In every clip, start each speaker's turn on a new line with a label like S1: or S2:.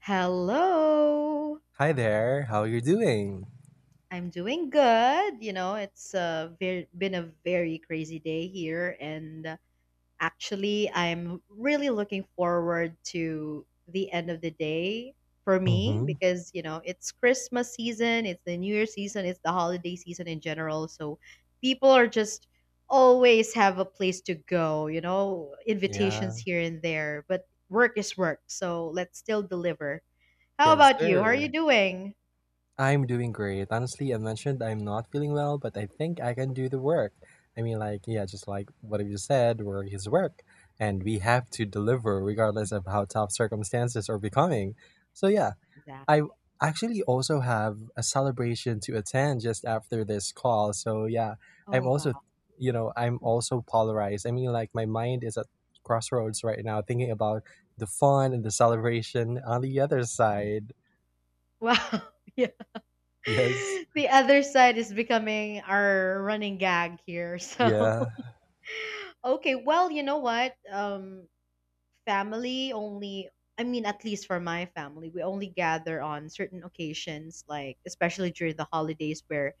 S1: Hello.
S2: Hi there. How you doing?
S1: I'm doing good. You know, it's been a very crazy day here, and actually, I'm really looking forward to the end of the day for me
S2: Mm-hmm.
S1: because you know it's Christmas season, it's the New Year season, it's the holiday season in general. So people are just always have a place to go. You know, invitations
S2: Yeah.
S1: here and there, but work is work, so let's still deliver. How
S2: Yes,
S1: about you? How are
S2: sir.
S1: you doing?
S2: I'm doing great. Honestly, I mentioned I'm not feeling well, but I think I can do the work. I mean, like, yeah, just like what you said, work is work, and we have to deliver regardless of how tough circumstances are becoming. So, yeah, I
S1: Exactly.
S2: actually also have a celebration to attend just after this call. So yeah,
S1: Oh,
S2: I'm also,
S1: wow.
S2: I'm also polarized. I mean, like my mind is at crossroads right now, thinking about the fun and the celebration on the other side.
S1: Wow. Yeah.
S2: Yes.
S1: The other side is becoming our running gag here. So,
S2: Yeah.
S1: okay. Well, you know what? Family only, I mean, at least for my family, we only gather on certain occasions, like especially during the holidays where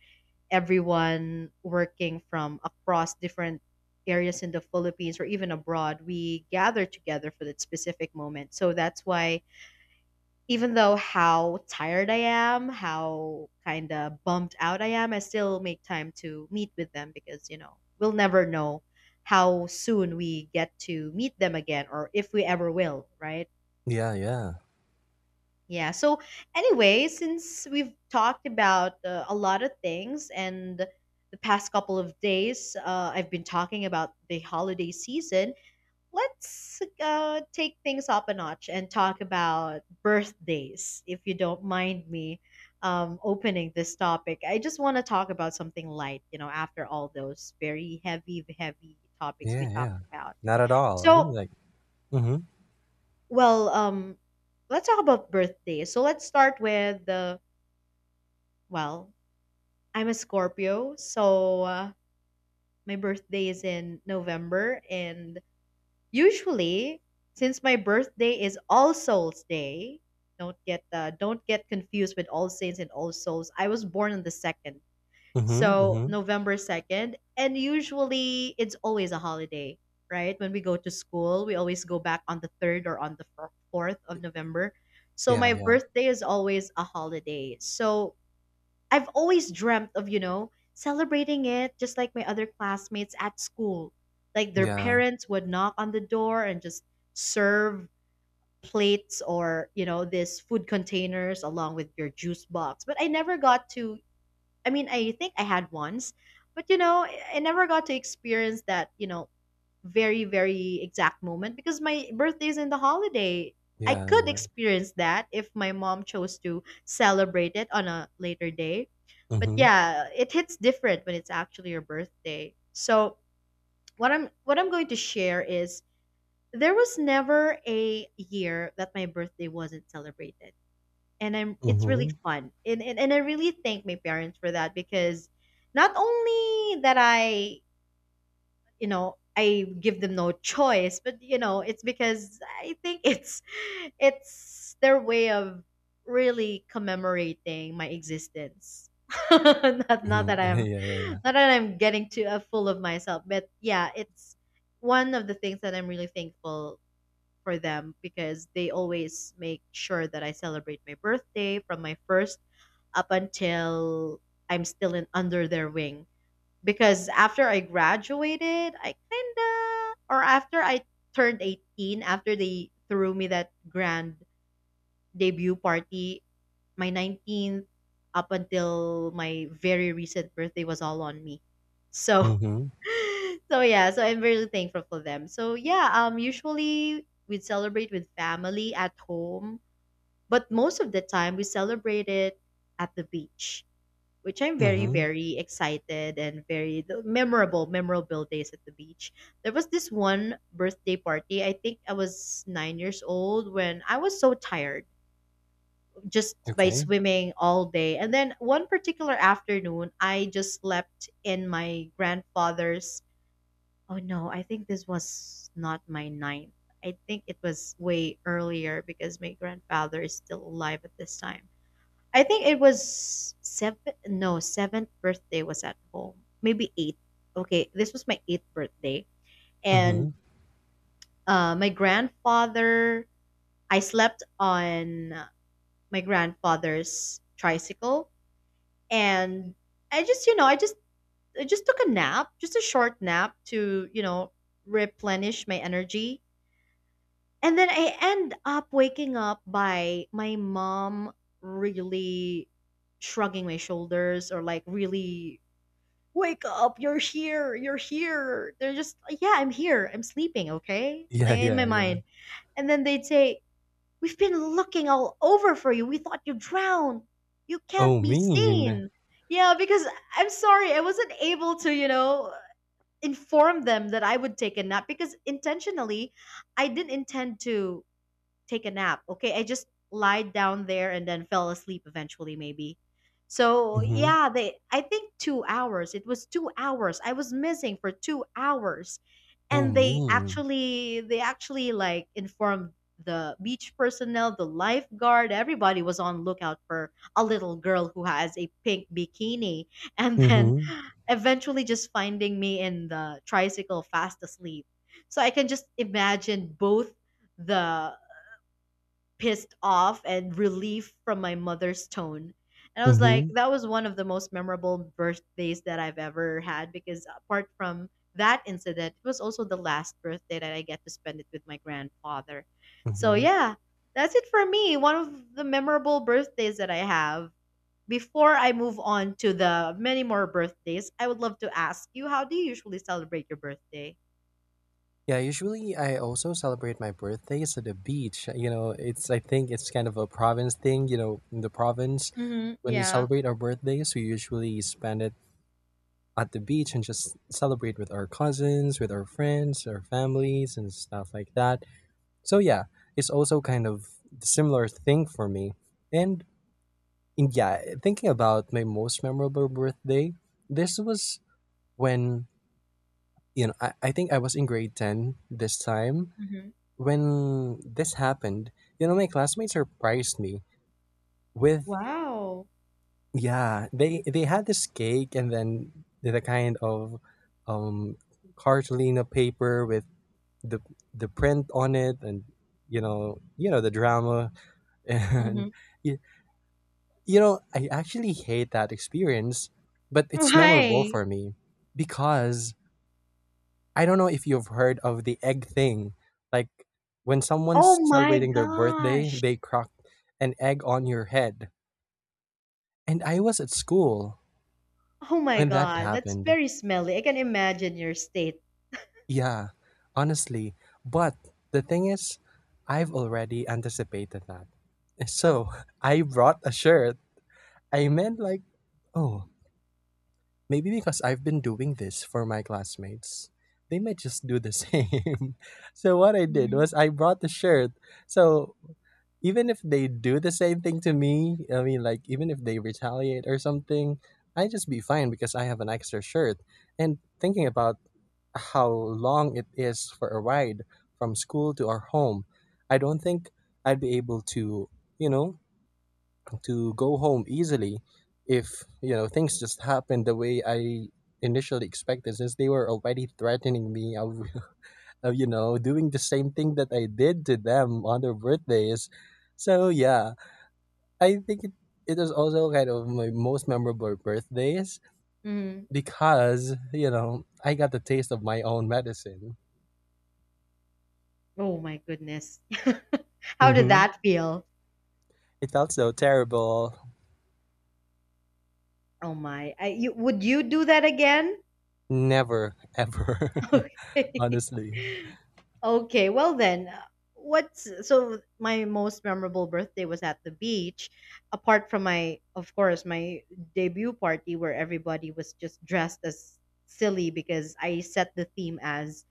S1: everyone working from across different areas in the Philippines or even abroad, we gather together for that specific moment. So that's why even though how tired I am, how kind of bummed out I am, I still make time to meet with them because, you know, we'll never know how soon we get to meet them again or if we ever will, right?
S2: Yeah. Yeah.
S1: Yeah. So, anyway, since we've talked about a lot of things and the past couple of days, I've been talking about the holiday season. Let's take things up a notch and talk about birthdays, if you don't mind me opening this topic. I just want to talk about something light, you know, after all those very heavy, heavy topics we
S2: Yeah.
S1: talked
S2: Yeah.
S1: about.
S2: Not at all. I mean,
S1: So,
S2: like, mm-hmm.
S1: well, let's talk about birthdays. So, let's start with well, I'm a Scorpio, so my birthday is in November. And usually, since my birthday is All Souls Day, don't get confused with All Saints and All Souls. I was born on the second,
S2: Mm-hmm.
S1: so
S2: Mm-hmm.
S1: November second, and usually it's always a holiday, right? When we go to school, we always go back on the third or on the fourth of November. So
S2: Yeah.
S1: my
S2: Yeah.
S1: birthday is always a holiday. So I've always dreamt of, you know, celebrating it just like my other classmates at school. Like their
S2: Yeah.
S1: parents would knock on the door and just serve plates or, you know, this food containers along with your juice box. But I never got to, I mean, I think I had once, but you know, I never got to experience that, you know, very very exact moment because my birthday is in the holiday. I
S2: Yeah.
S1: could
S2: Yeah.
S1: experience that if my mom chose to celebrate it on a later day, but
S2: Mm-hmm.
S1: yeah, it hits different when it's actually your birthday. So what I'm going to share is, there was never a year that my birthday wasn't celebrated, and I'm it's really
S2: Mm-hmm.
S1: fun, and I really thank my parents for that because not only that I you know I give them no choice, but you know it's because I think it's their way of really commemorating my existence. not not that
S2: Mm-hmm.
S1: I'm
S2: Yeah. Yeah. Yeah.
S1: not that I'm getting too full of myself, but yeah, it's one of the things that I'm really thankful for them because they always make sure that I celebrate my birthday from my first up until I'm still in under their wing, because after I graduated, or after I turned 18, after they threw me that grand debut party, my 19th up until my very recent birthday was all on me. So,
S2: Mm-hmm.
S1: so yeah, so I'm really thankful for them. So yeah, usually we'd celebrate with family at home, but most of the time we celebrate it at the beach, which I'm very,
S2: Mm-hmm.
S1: very excited and very the memorable, memorable days at the beach. There was this one birthday party. I think I was 9 years old when I was so tired just by
S2: Okay.
S1: swimming all day. And then one particular afternoon, I just slept in my grandfather's. Oh no, I think this was not my ninth. I think it was way earlier because my grandfather is still alive at this time. I think it was seven. No, seventh birthday was at home. Maybe eighth. Okay, this was my eighth birthday, and
S2: Mm-hmm.
S1: my grandfather, I slept on my grandfather's tricycle, and I just, you know, I just, I just took a nap, just a short nap to, you know, replenish my energy, and then I end up waking up by my mom really shrugging my shoulders, or like, really, wake up, you're here, you're here. They're just like, yeah, I'm here, I'm sleeping, okay, like
S2: Yeah,
S1: in my
S2: yeah, yeah.
S1: mind. And then they'd say, we've been looking all over for you, we thought you drowned, you can't
S2: Oh,
S1: be
S2: mean.
S1: seen. Yeah, because I'm sorry I wasn't able to, inform them that I would take a nap, because intentionally I didn't intend to take a nap. Okay, I just lied down there and then fell asleep eventually maybe. So,
S2: Mhm.
S1: yeah, they I think 2 hours. It was 2 hours. I was missing for 2 hours.
S2: Oh,
S1: And they
S2: mean.
S1: actually they actually like informed the beach personnel, the lifeguard, everybody was on lookout for a little girl who has a pink bikini, and then
S2: Mhm.
S1: eventually just finding me in the tricycle fast asleep. So I can just imagine both the pissed off and relief from my mother's tone. And I was like,
S2: Mhm.
S1: that was one of the most memorable birthdays that I've ever had because apart from that incident, it was also the last birthday that I get to spend it with my grandfather. So
S2: Mhm.
S1: yeah, that's it for me. One of the memorable birthdays that I have. Before I move on to the many more birthdays, I would love to ask you, how do you usually celebrate your birthday?
S2: Yeah, usually I also celebrate my birthdays at the beach. You know, it's I think it's kind of a province thing. You know, in the province
S1: Mm-hmm.
S2: when we
S1: Yeah.
S2: celebrate our birthdays, we usually spend it at the beach and just celebrate with our cousins, with our friends, our families and stuff like that. So yeah, it's also kind of similar thing for me. And yeah, thinking about my most memorable birthday, this was when, you know, I think I was in grade 10 this time.
S1: Mm-hmm.
S2: When this happened, you know, my classmates surprised me with,
S1: Wow.
S2: yeah, they had this cake and then did a kind of um cartolina paper with the the print on it, and you know the drama.
S1: Mm-hmm.
S2: And you know, I actually hate that experience, but it's memorable
S1: Why?
S2: for me because I don't know if you've heard of the egg thing. Like when
S1: Oh
S2: someone's
S1: my
S2: celebrating their birthday,
S1: gosh.
S2: they crack an egg on your head. And I was at school
S1: Oh my
S2: when that
S1: God. That's
S2: happened.
S1: very smelly. I can imagine your state.
S2: Yeah, honestly. But the thing is, I've already anticipated that. So I brought a shirt. I meant like, oh, maybe because I've been doing this for my classmates, they might just do the same. So what I did
S1: Mhm.
S2: was I brought the shirt. So even if they do the same thing to me, I mean like even if they retaliate or something, I just be fine because I have an extra shirt. And thinking about how long it is for a ride from school to our home, I don't think I'd be able you know, to go home easily if things just happened the way I initially expected, since they were already threatening me of, of doing the same thing that I did to them on their birthdays. So yeah, I think it was also kind of my most memorable birthdays
S1: Mhm.
S2: because I got the taste of my own medicine.
S1: Oh my goodness. How did
S2: Hmm.
S1: that feel?
S2: It felt so terrible.
S1: Oh my. Would you do that again?
S2: Never ever,
S1: Okay.
S2: honestly.
S1: Okay, well then, what's so my most memorable birthday was at the beach, apart from my, of course, my debut party where everybody was just dressed as silly because I set the theme as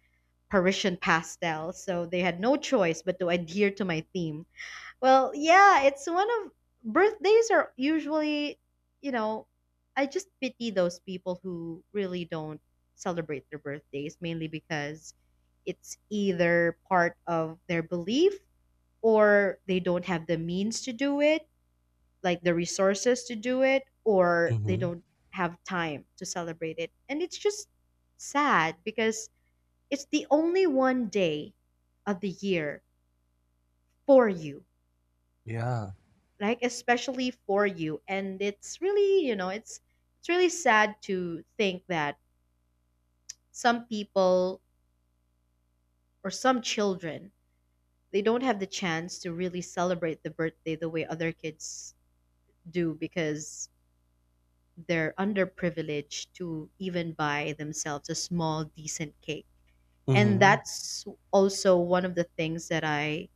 S1: Parisian pastel, so they had no choice but to adhere to my theme. Well, yeah, it's one of birthdays are usually, you know, I just pity those people who really don't celebrate their birthdays, mainly because it's either part of their belief or they don't have the means to do it, like the resources to do it, or they
S2: Hmm.
S1: don't have time to celebrate it. And it's just sad because it's the only one day of the year for you,
S2: Yeah.
S1: like especially for you, and it's really, it's really sad to think that some people or some children, they don't have the chance to really celebrate the birthday the way other kids do because they're underprivileged to even buy themselves a small decent cake. And
S2: Hmm.
S1: that's also one of the things that I,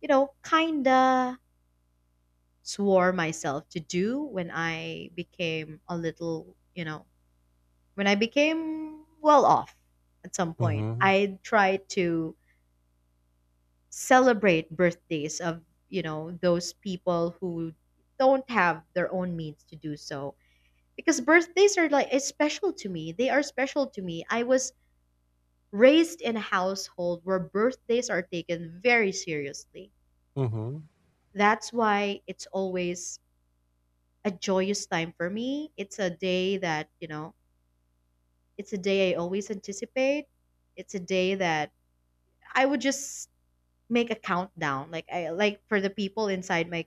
S1: kinda swore myself to do when I became a little, you know, when I became well off at some point.
S2: Hmm.
S1: I tried to celebrate birthdays of, you know, those people who don't have their own means to do so, because birthdays are like, it's special to me. They are special to me. I was raised in a household where birthdays are taken very seriously.
S2: Mhm,
S1: That's why it's always a joyous time for me. It's a day I always anticipate. It's a day that I would just make a countdown. Like, I like for the people inside my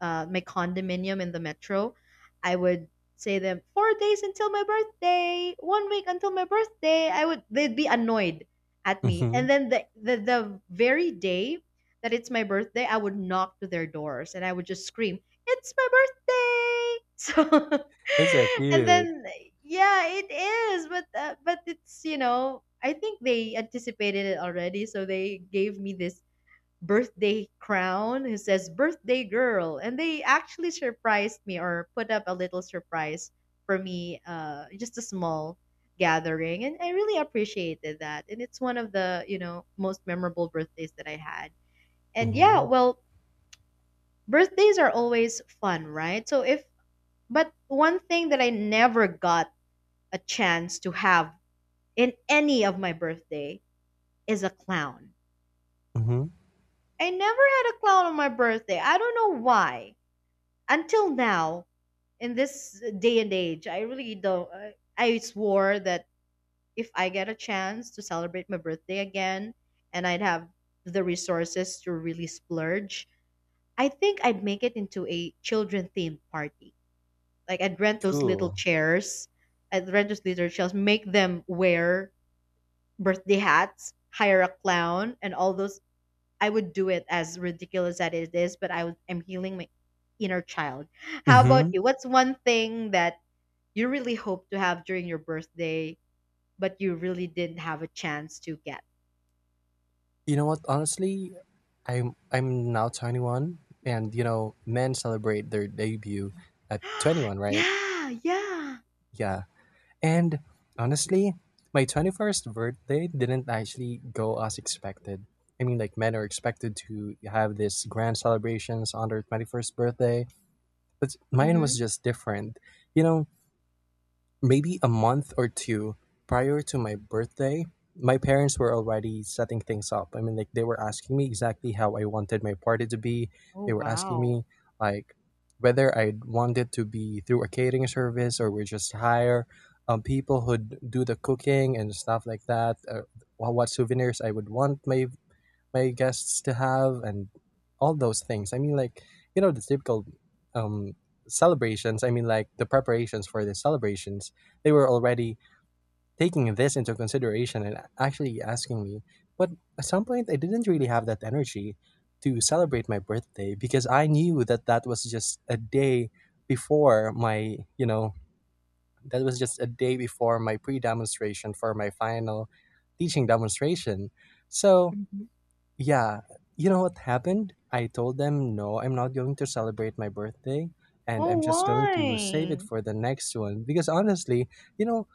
S1: uh, my condominium in the metro, I would say them 4 days until my birthday, one week until my birthday. I would They'd be annoyed at me, and
S2: mhm.
S1: then the very day that it's my birthday, I would knock to their doors and I would just scream, "It's my birthday!" So,
S2: That's so
S1: and
S2: cute.
S1: then Yeah, it is, but it's I think they anticipated it already, so they gave me this birthday crown who says birthday girl, and they actually surprised me or put up a little surprise for me, just a small gathering, and I really appreciated that, and it's one of the most memorable birthdays that I had. And yeah,
S2: Mhm,
S1: well, birthdays are always fun, right? so if But one thing that I never got a chance to have in any of my birthday is a clown.
S2: mhm.
S1: I never had a clown on my birthday. I don't know why. Until now, in this day and age, I really don't. I swore that if I get a chance to celebrate my birthday again and I'd have the resources to really splurge, I think I'd make it into a children themed party. Like I'd rent those little
S2: Cool.
S1: chairs, make them wear birthday hats, hire a clown and all those. I would do it as ridiculous as it is, but I'm healing my inner child. How about
S2: Mhm.
S1: you? What's one thing that you really hope to have during your birthday, but you really didn't have a chance to get?
S2: You know what? Honestly, I'm now 21, and you know, men celebrate their debut at 21, right?
S1: Yeah, yeah.
S2: Yeah. And honestly, my 21st birthday didn't actually go as expected. I mean, like men are expected to have this grand celebrations on their 21st birthday, but mine
S1: Mm-hmm.
S2: was just different. You know, maybe a month or two prior to my birthday, my parents were already setting things up. I mean, like they were asking me exactly how I wanted my party to be.
S1: Oh
S2: They were asking
S1: wow.
S2: me like whether I'd want it to be through a catering service or we just hire people who'd do the cooking and stuff like that. What souvenirs I would want my guests to have, and all those things. I mean, like, you know, the typical um, celebrations, I mean, like the preparations for the celebrations, they were already taking this into consideration and actually asking me. But at some point, I didn't really have that energy to celebrate my birthday because I knew that that was just a day before my, you know, that was just a day before my pre demonstration for my final teaching demonstration. So,
S1: Mm-hmm.
S2: yeah, you know what happened? I told them, no, I'm not going to celebrate my birthday, and
S1: Oh
S2: I'm just going to save it
S1: why?
S2: for the next one because honestly, you know,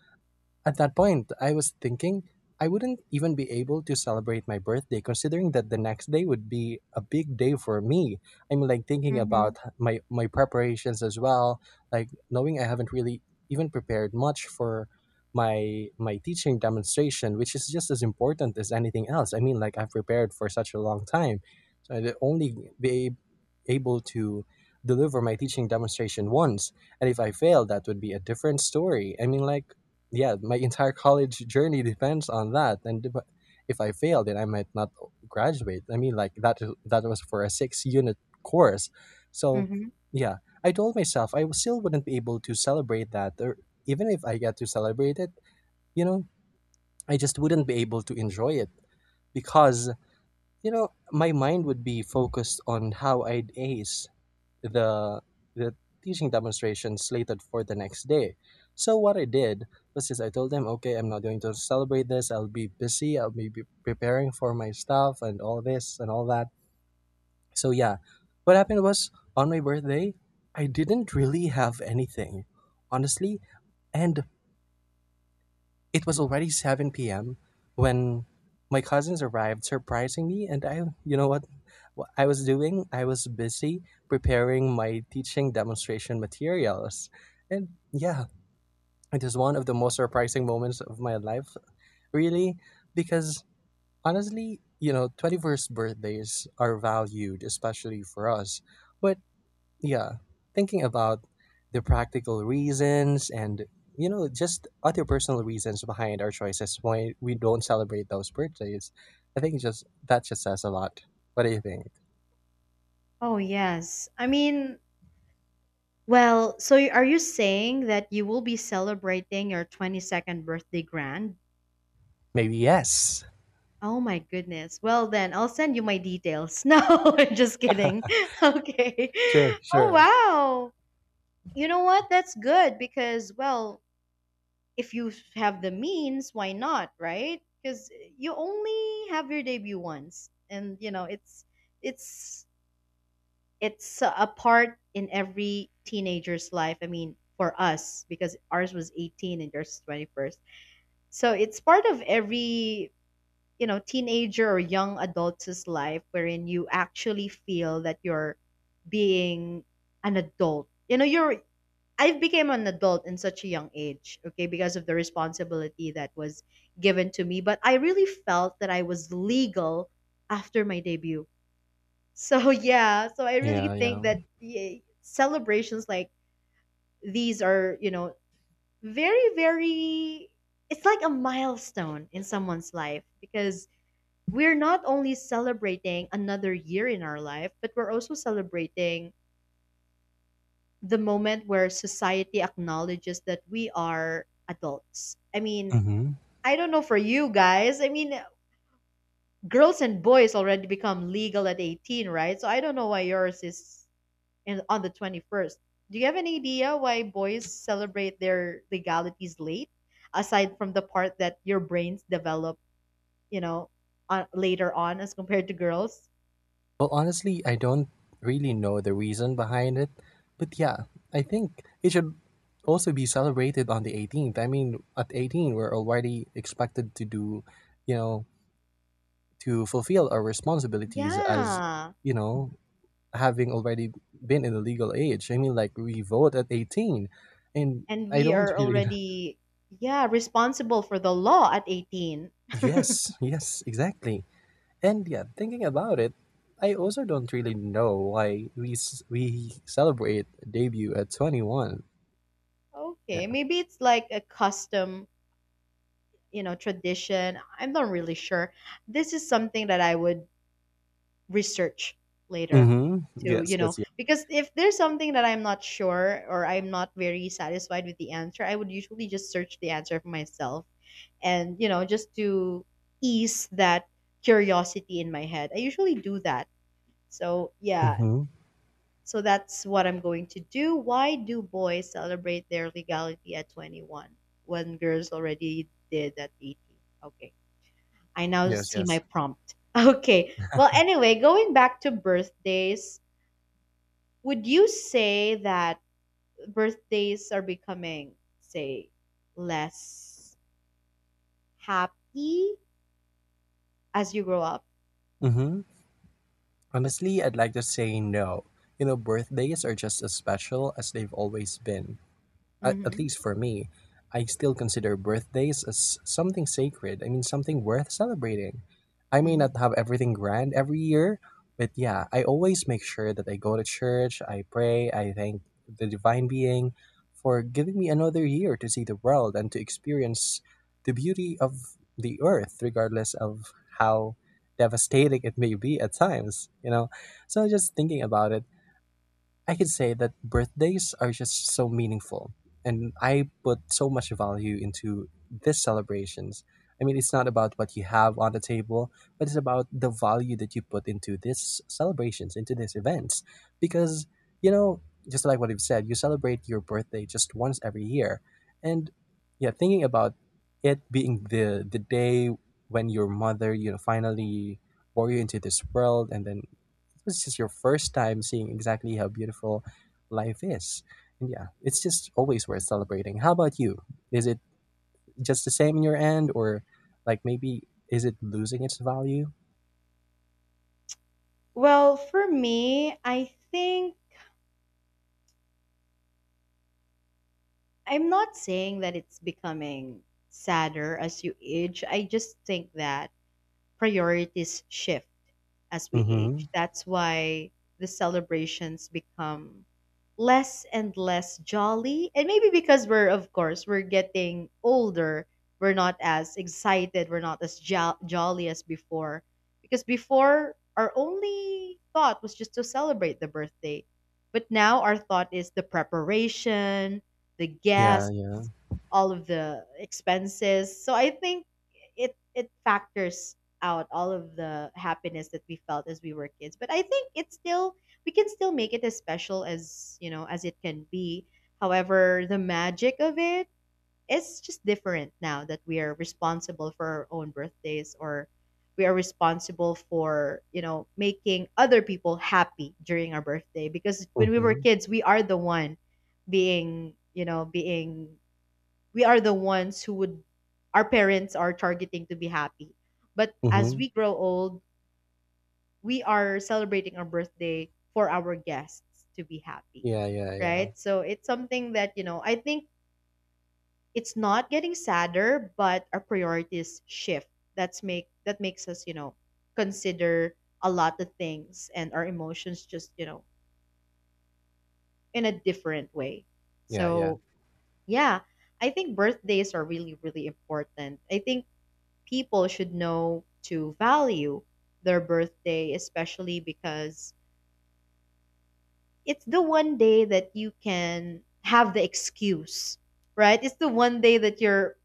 S2: at that point, I was thinking I wouldn't even be able to celebrate my birthday, considering that the next day would be a big day for me. I'm like thinking
S1: Mm-hmm.
S2: about my preparations as well, like knowing I haven't really even prepared much for my teaching demonstration, which is just as important as anything else. I mean, like I've prepared for such a long time, so I'd only be able to deliver my teaching demonstration once, and if I fail, that would be a different story. I mean, like yeah, my entire college journey depends on that. And if I fail, then I might not graduate. I mean, like that was for a six unit course. So
S1: Mm-hmm.
S2: yeah, I told myself I still wouldn't be able to celebrate that, or even if I get to celebrate it, you know, I just wouldn't be able to enjoy it because my mind would be focused on how I'd ace the the teaching demonstration slated for the next day. So what I did was is I told them, okay, I'm not going to celebrate this. I'll be busy. I'll be preparing for my stuff and all this and all that. So yeah, what happened was on my birthday, I didn't really have anything, honestly, and it was already 7 p.m. when my cousins arrived, surprising me. And I, you know what I was doing? I was busy preparing my teaching demonstration materials. And yeah, it is one of the most surprising moments of my life, really, because honestly, you know, 21st birthdays are valued, especially for us. But yeah, thinking about the practical reasons and just other personal reasons behind our choices why we don't celebrate those birthdays. I think just that just says a lot. What do you think?
S1: Oh yes. I mean, well, so are you saying that you will be celebrating your 22nd birthday grand?
S2: Maybe yes.
S1: Oh my goodness. Well then, I'll send you my details. No, I'm just kidding. Okay.
S2: Sure,
S1: Oh
S2: sure.
S1: wow. You know what? That's good because, well, if you have the means, why not, right? Cuz you only have your debut once. And you know, it's it's a part in every teenager's life. I mean, for us because ours was 18 and yours is 21st. So it's part of every teenager or young adults' life wherein you actually feel that you're being an adult. You know, you're, I have became an adult in such a young age, okay, because of the responsibility that was given to me, but I really felt that I was legal after my debut. So yeah, so I really
S2: Yeah,
S1: think
S2: yeah.
S1: that, yeah, celebrations like these are, you know, very it's like a milestone in someone's life because we're not only celebrating another year in our life, but we're also celebrating the moment where society acknowledges that we are adults. I mean,
S2: Hmm.
S1: I don't know for you guys. I mean, girls and boys already become legal at 18, right? So I don't know why yours is on the 21st. Do you have any idea why boys celebrate their legalities late? Aside from the part that your brains develop, you know, later on as compared to girls?
S2: Well, honestly, I don't really know the reason behind it, but yeah, I think it should also be celebrated on the 18th. I mean, at 18, we're already expected to do, you know, to fulfill our responsibilities as
S1: Yeah.
S2: you know having already been in the legal age. I mean like we vote at 18, and
S1: And
S2: I
S1: we
S2: don't
S1: are
S2: really know.
S1: already, yeah, responsible for the law at 18.
S2: Yes, yes, exactly. And yeah, thinking about it, I also don't really know why we celebrate debut at 21.
S1: Okay,
S2: Yeah.
S1: maybe it's like a custom, you know, tradition. I'm not really sure. This is something that I would research later,
S2: Mm-hmm.
S1: to,
S2: Yes,
S1: you know,
S2: yes, yes.
S1: because if there's something that I'm not sure or I'm not very satisfied with the answer, I would usually just search the answer for myself. And you know, just to ease that curiosity in my head, I usually do that. So yeah.
S2: Mm-hmm.
S1: So that's what I'm going to do. Why do boys celebrate their legality at 21 when girls already did at 18? Okay. I now
S2: Yes,
S1: see my
S2: yes.
S1: prompt. Okay. Well, anyway, going back to birthdays, would you say that birthdays are becoming, say, less happy as you grow up?
S2: Mm-hmm. Honestly, I'd like to say no. You know, birthdays are just as special as they've always been. At
S1: Mm-hmm.
S2: least for me, I still consider birthdays as something sacred. I mean, something worth celebrating. I may
S1: Mm-hmm.
S2: not have everything grand every year, but yeah, I always make sure that I go to church, I pray, I thank the divine being for giving me another year to see the world and to experience the beauty of the earth, regardless of how devastating it may be at times, you know? So just thinking about it, I could say that birthdays are just so meaningful, and I put so much value into these celebrations. I mean, it's not about what you have on the table, but it's about the value that you put into these celebrations, into these events. Because, you know, just like what you've said, you celebrate your birthday just once every year. And yeah, thinking about it being the day when your mother, you know, finally bore you into this world, and then it was just your first time seeing exactly how beautiful life is. And yeah, it's just always worth celebrating. How about you? Is it just the same in your end, or like maybe is it losing its value?
S1: Well, for me, I think I'm not saying that it's becoming sadder as you age. I just think that priorities shift as we
S2: Mm-hmm.
S1: age. That's why the celebrations become less and less jolly. And maybe because we're, of course, we're getting older, we're not as excited, we're not as jolly as before. Because before, our only thought was just to celebrate the birthday. But now our thought is the preparation, the
S2: Yeah.
S1: guests, all of the expenses. So I think it factors out all of the happiness that we felt as we were kids. But I think it's still, we can still make it as special as, you know, as it can be. However, the magic of it is just different now that we are responsible for our own birthdays, or we are responsible for, you know, making other people happy during our birthday. Because when we were
S2: Mhm,
S1: kids, we are the one being, you know, being we are the ones who would, our parents are targeting to be happy. But as
S2: mhm.
S1: we grow old, we are celebrating our birthday for our guests to be happy,
S2: Yeah, yeah, yeah.
S1: right? So it's something that, you know, I think it's not getting sadder, but our priorities shift. That makes us, you know, consider a lot of things and our emotions just, you know, in a different way.
S2: Yeah, yeah.
S1: So, yeah, I think birthdays are really important. I think people should know to value their birthday, especially because it's the one day that you can have the excuse, right? It's the one day that you're,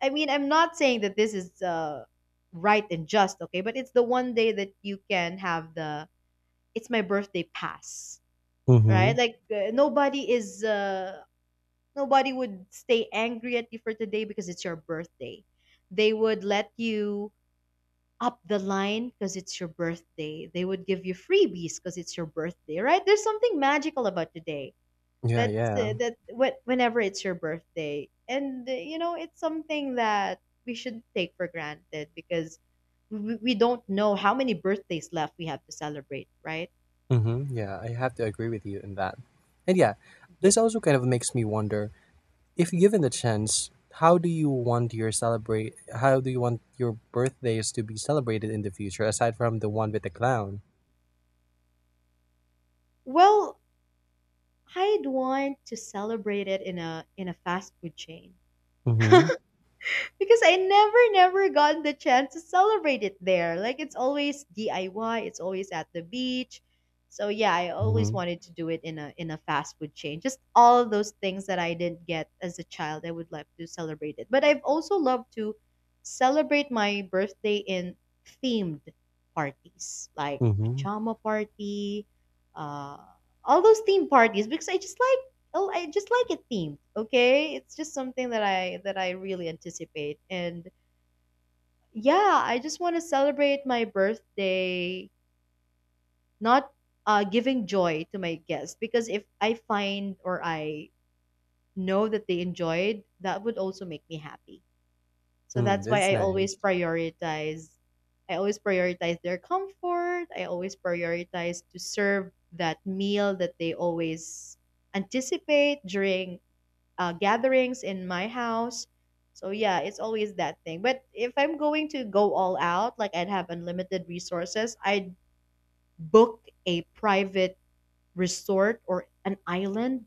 S1: I mean, I'm not saying that this is right and just, okay, but it's the one day that you can have the, it's my birthday pass, right?
S2: Mhm.
S1: Like nobody is, nobody would stay angry at you for today because it's your birthday. They would let you up the line because it's your birthday. They would give you freebies because it's your birthday, right? There's something magical about today.
S2: Yeah,
S1: That's
S2: yeah.
S1: Whenever it's your birthday, and you know, it's something that we should take for granted because we don't know how many birthdays left we have to celebrate, right?
S2: Mhm. Yeah, I have to agree with you in that. And yeah, this
S1: Ye-
S2: also kind of makes me wonder, if given the chance, how do you want your birthdays to be celebrated in the future aside from the one with the clown?
S1: Well, I'd want to celebrate it in a fast food chain.
S2: Mhm.
S1: Because I never got the chance to celebrate it there. Like it's always DIY, it's always at the beach. So yeah, I always
S2: Mhm.
S1: wanted to do it in a fast food chain. Just all of those things that I didn't get as a child, I would love to celebrate it. But I've also loved to celebrate my birthday in themed parties, like
S2: Mhm.
S1: pajama party, uh, all those theme parties, because I just like I just like it themed. Okay, it's just something that I really anticipate, and yeah, I just want to celebrate my birthday, not giving joy to my guests, because if I find, or I know that they enjoyed, that would also make me happy. So
S2: Mm,
S1: that's why
S2: that's
S1: I always
S2: nice.
S1: prioritize. I always prioritize their comfort. I always prioritize to serve that meal that they always anticipate during gatherings in my house. So yeah, it's always that thing. But if I'm going to go all out, like I'd have unlimited resources, I'd book a private resort or an island,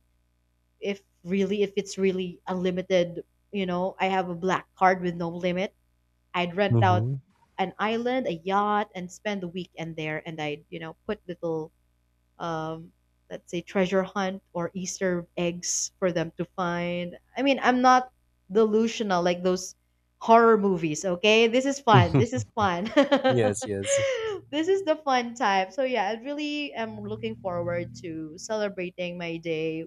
S1: if it's really unlimited, you know, I have a black card with no limit. I'd rent out
S2: Mhm.
S1: an island, a yacht, and spend the weekend there, and I'd, you know, put little um, let's say treasure hunt or Easter eggs for them to find. I mean, I'm not delusional like those horror movies, okay? This is fun. This is fun.
S2: Yes, yes.
S1: This is the fun time. So yeah, I really am looking forward to celebrating my day,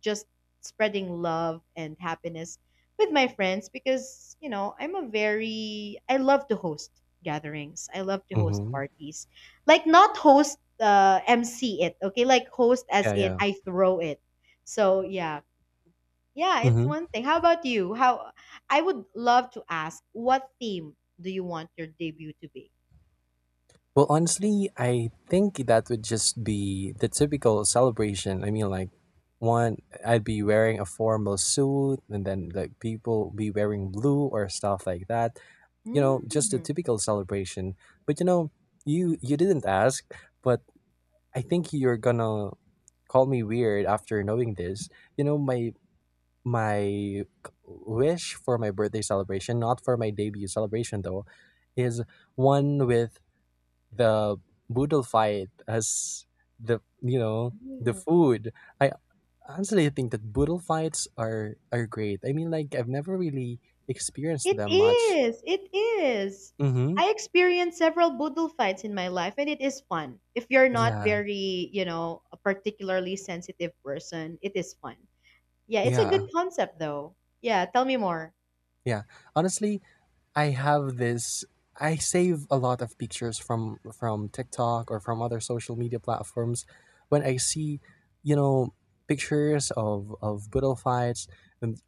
S1: just spreading love and happiness with my friends, because you know, I'm a very I love to host gatherings. I love to host
S2: Mhm.
S1: parties. Like not host MC it, okay? Like host as
S2: Yeah,
S1: in
S2: yeah.
S1: I throw it. So yeah. Yeah, it's
S2: Mhm.
S1: one thing. How about you? How, I would love to ask, what theme do you want your debut to be?
S2: Well, honestly, I think that would just be the typical celebration. I mean, like, one, I'd be wearing a formal suit, and then, like, people be wearing blue or stuff like that. You know, just a
S1: Mm.
S2: typical celebration. But, you know, you didn't ask, but I think you're gonna call me weird after knowing this. You know, my wish for my birthday celebration, not for my debut celebration though, is one with the boodle fight as the you know the food. I honestly think that boodle fights are great. I mean like I've never really experienced
S1: It
S2: them much.
S1: is. It is.
S2: Mm-hmm.
S1: I experienced several boodle fights in my life and it is fun. If you're not
S2: Yeah.
S1: very, you know, a particularly sensitive person, it is fun. Yeah, it's a good
S2: Yeah.
S1: concept though. Yeah, tell me more.
S2: Yeah. Honestly, I have this I save a lot of pictures from TikTok or from other social media platforms when I see you know pictures of boodle fights and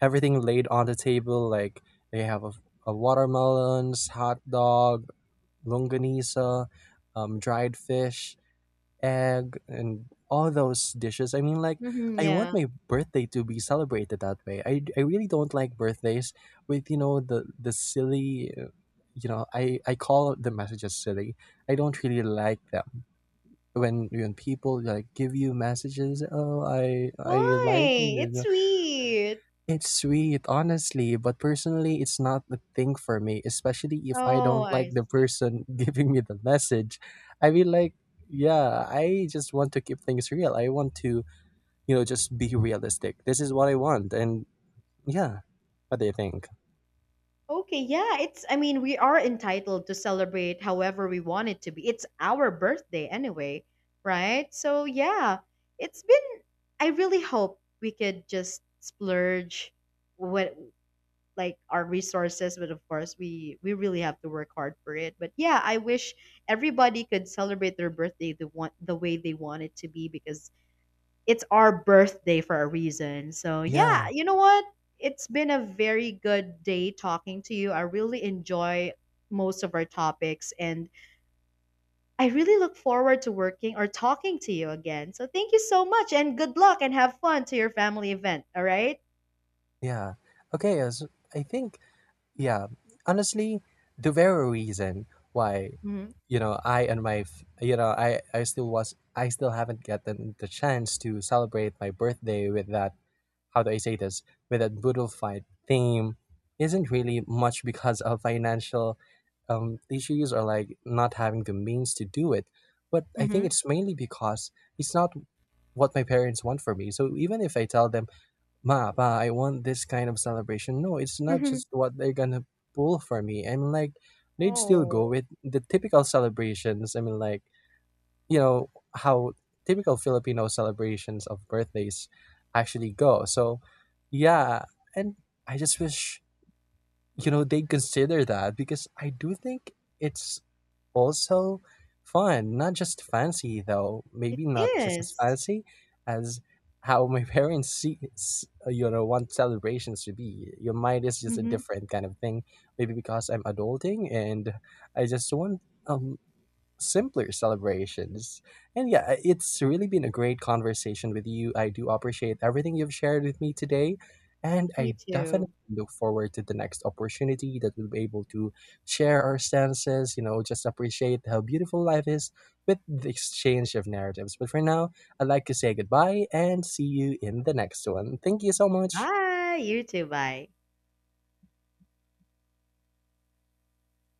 S2: everything laid on the table. Like they have a watermelons, hot dog, longanisa, dried fish, egg, and all those dishes. I mean, like
S1: Hmm,
S2: I want
S1: yeah.
S2: my birthday to be celebrated that way. I really don't like birthdays with the silly. You know, I call the messages silly. I don't really like them when people like give you messages. Oh, I
S1: Why?
S2: like
S1: It's
S2: you.
S1: sweet.
S2: It's sweet, honestly, but personally, it's not the thing for me, especially if I
S1: Oh,
S2: don't
S1: I
S2: like the
S1: see.
S2: person giving me the message. I mean, like, yeah, I just want to keep things real. I want to, you know, just be realistic. This is what I want. And yeah, what do you think?
S1: Okay, yeah, it's, I mean, we are entitled to celebrate however we want it to be. It's our birthday anyway, right? So, yeah, it's been I really hope we could just splurge what, like our resources, but of course, we really have to work hard for it. But yeah, I wish everybody could celebrate their birthday the way they want it to be, because it's our birthday for a reason. So, yeah,
S2: Yeah,
S1: you know what? It's been a very good day talking to you. I really enjoy most of our topics, and I really look forward to working or talking to you again. So, thank you so much, and good luck, and have fun to your family event. All right.
S2: yeah. Okay, as I think, yeah, honestly, the very reason why
S1: Mm-hmm.
S2: I still haven't gotten the chance to celebrate my birthday with that, how do I say this, with that brutal fight theme, isn't really much because of financial issues, or like not having the means to do it, but I think it's mainly because it's not what my parents want for me. So even if I tell them, Ma, pa, I want this kind of celebration. No, it's not
S1: Mm-hmm.
S2: just what they're gonna pull for me. I mean, like, they'd still
S1: Oh,
S2: go with the typical celebrations. I mean, like, you know, how typical Filipino celebrations of birthdays actually go. So, yeah, and I just wish they consider that because I do think it's also fun, not just fancy though.
S1: it
S2: Maybe not just as
S1: is.
S2: fancy as how my parents see, s- you know, want celebrations to be. Your mind is just a
S1: Mm-hmm.
S2: different kind of thing. Maybe because I'm adulting and I just want um simpler celebrations. And yeah, it's really been a great conversation with you. I do appreciate everything you've shared with me today. And
S1: Me
S2: I definitely
S1: too.
S2: look forward to the next opportunity that we'll be able to share our stances, you know, just appreciate how beautiful life is with the exchange of narratives. But for now, I'd like to say goodbye and see you in the next one. Thank you so much.
S1: Bye. You too. Bye.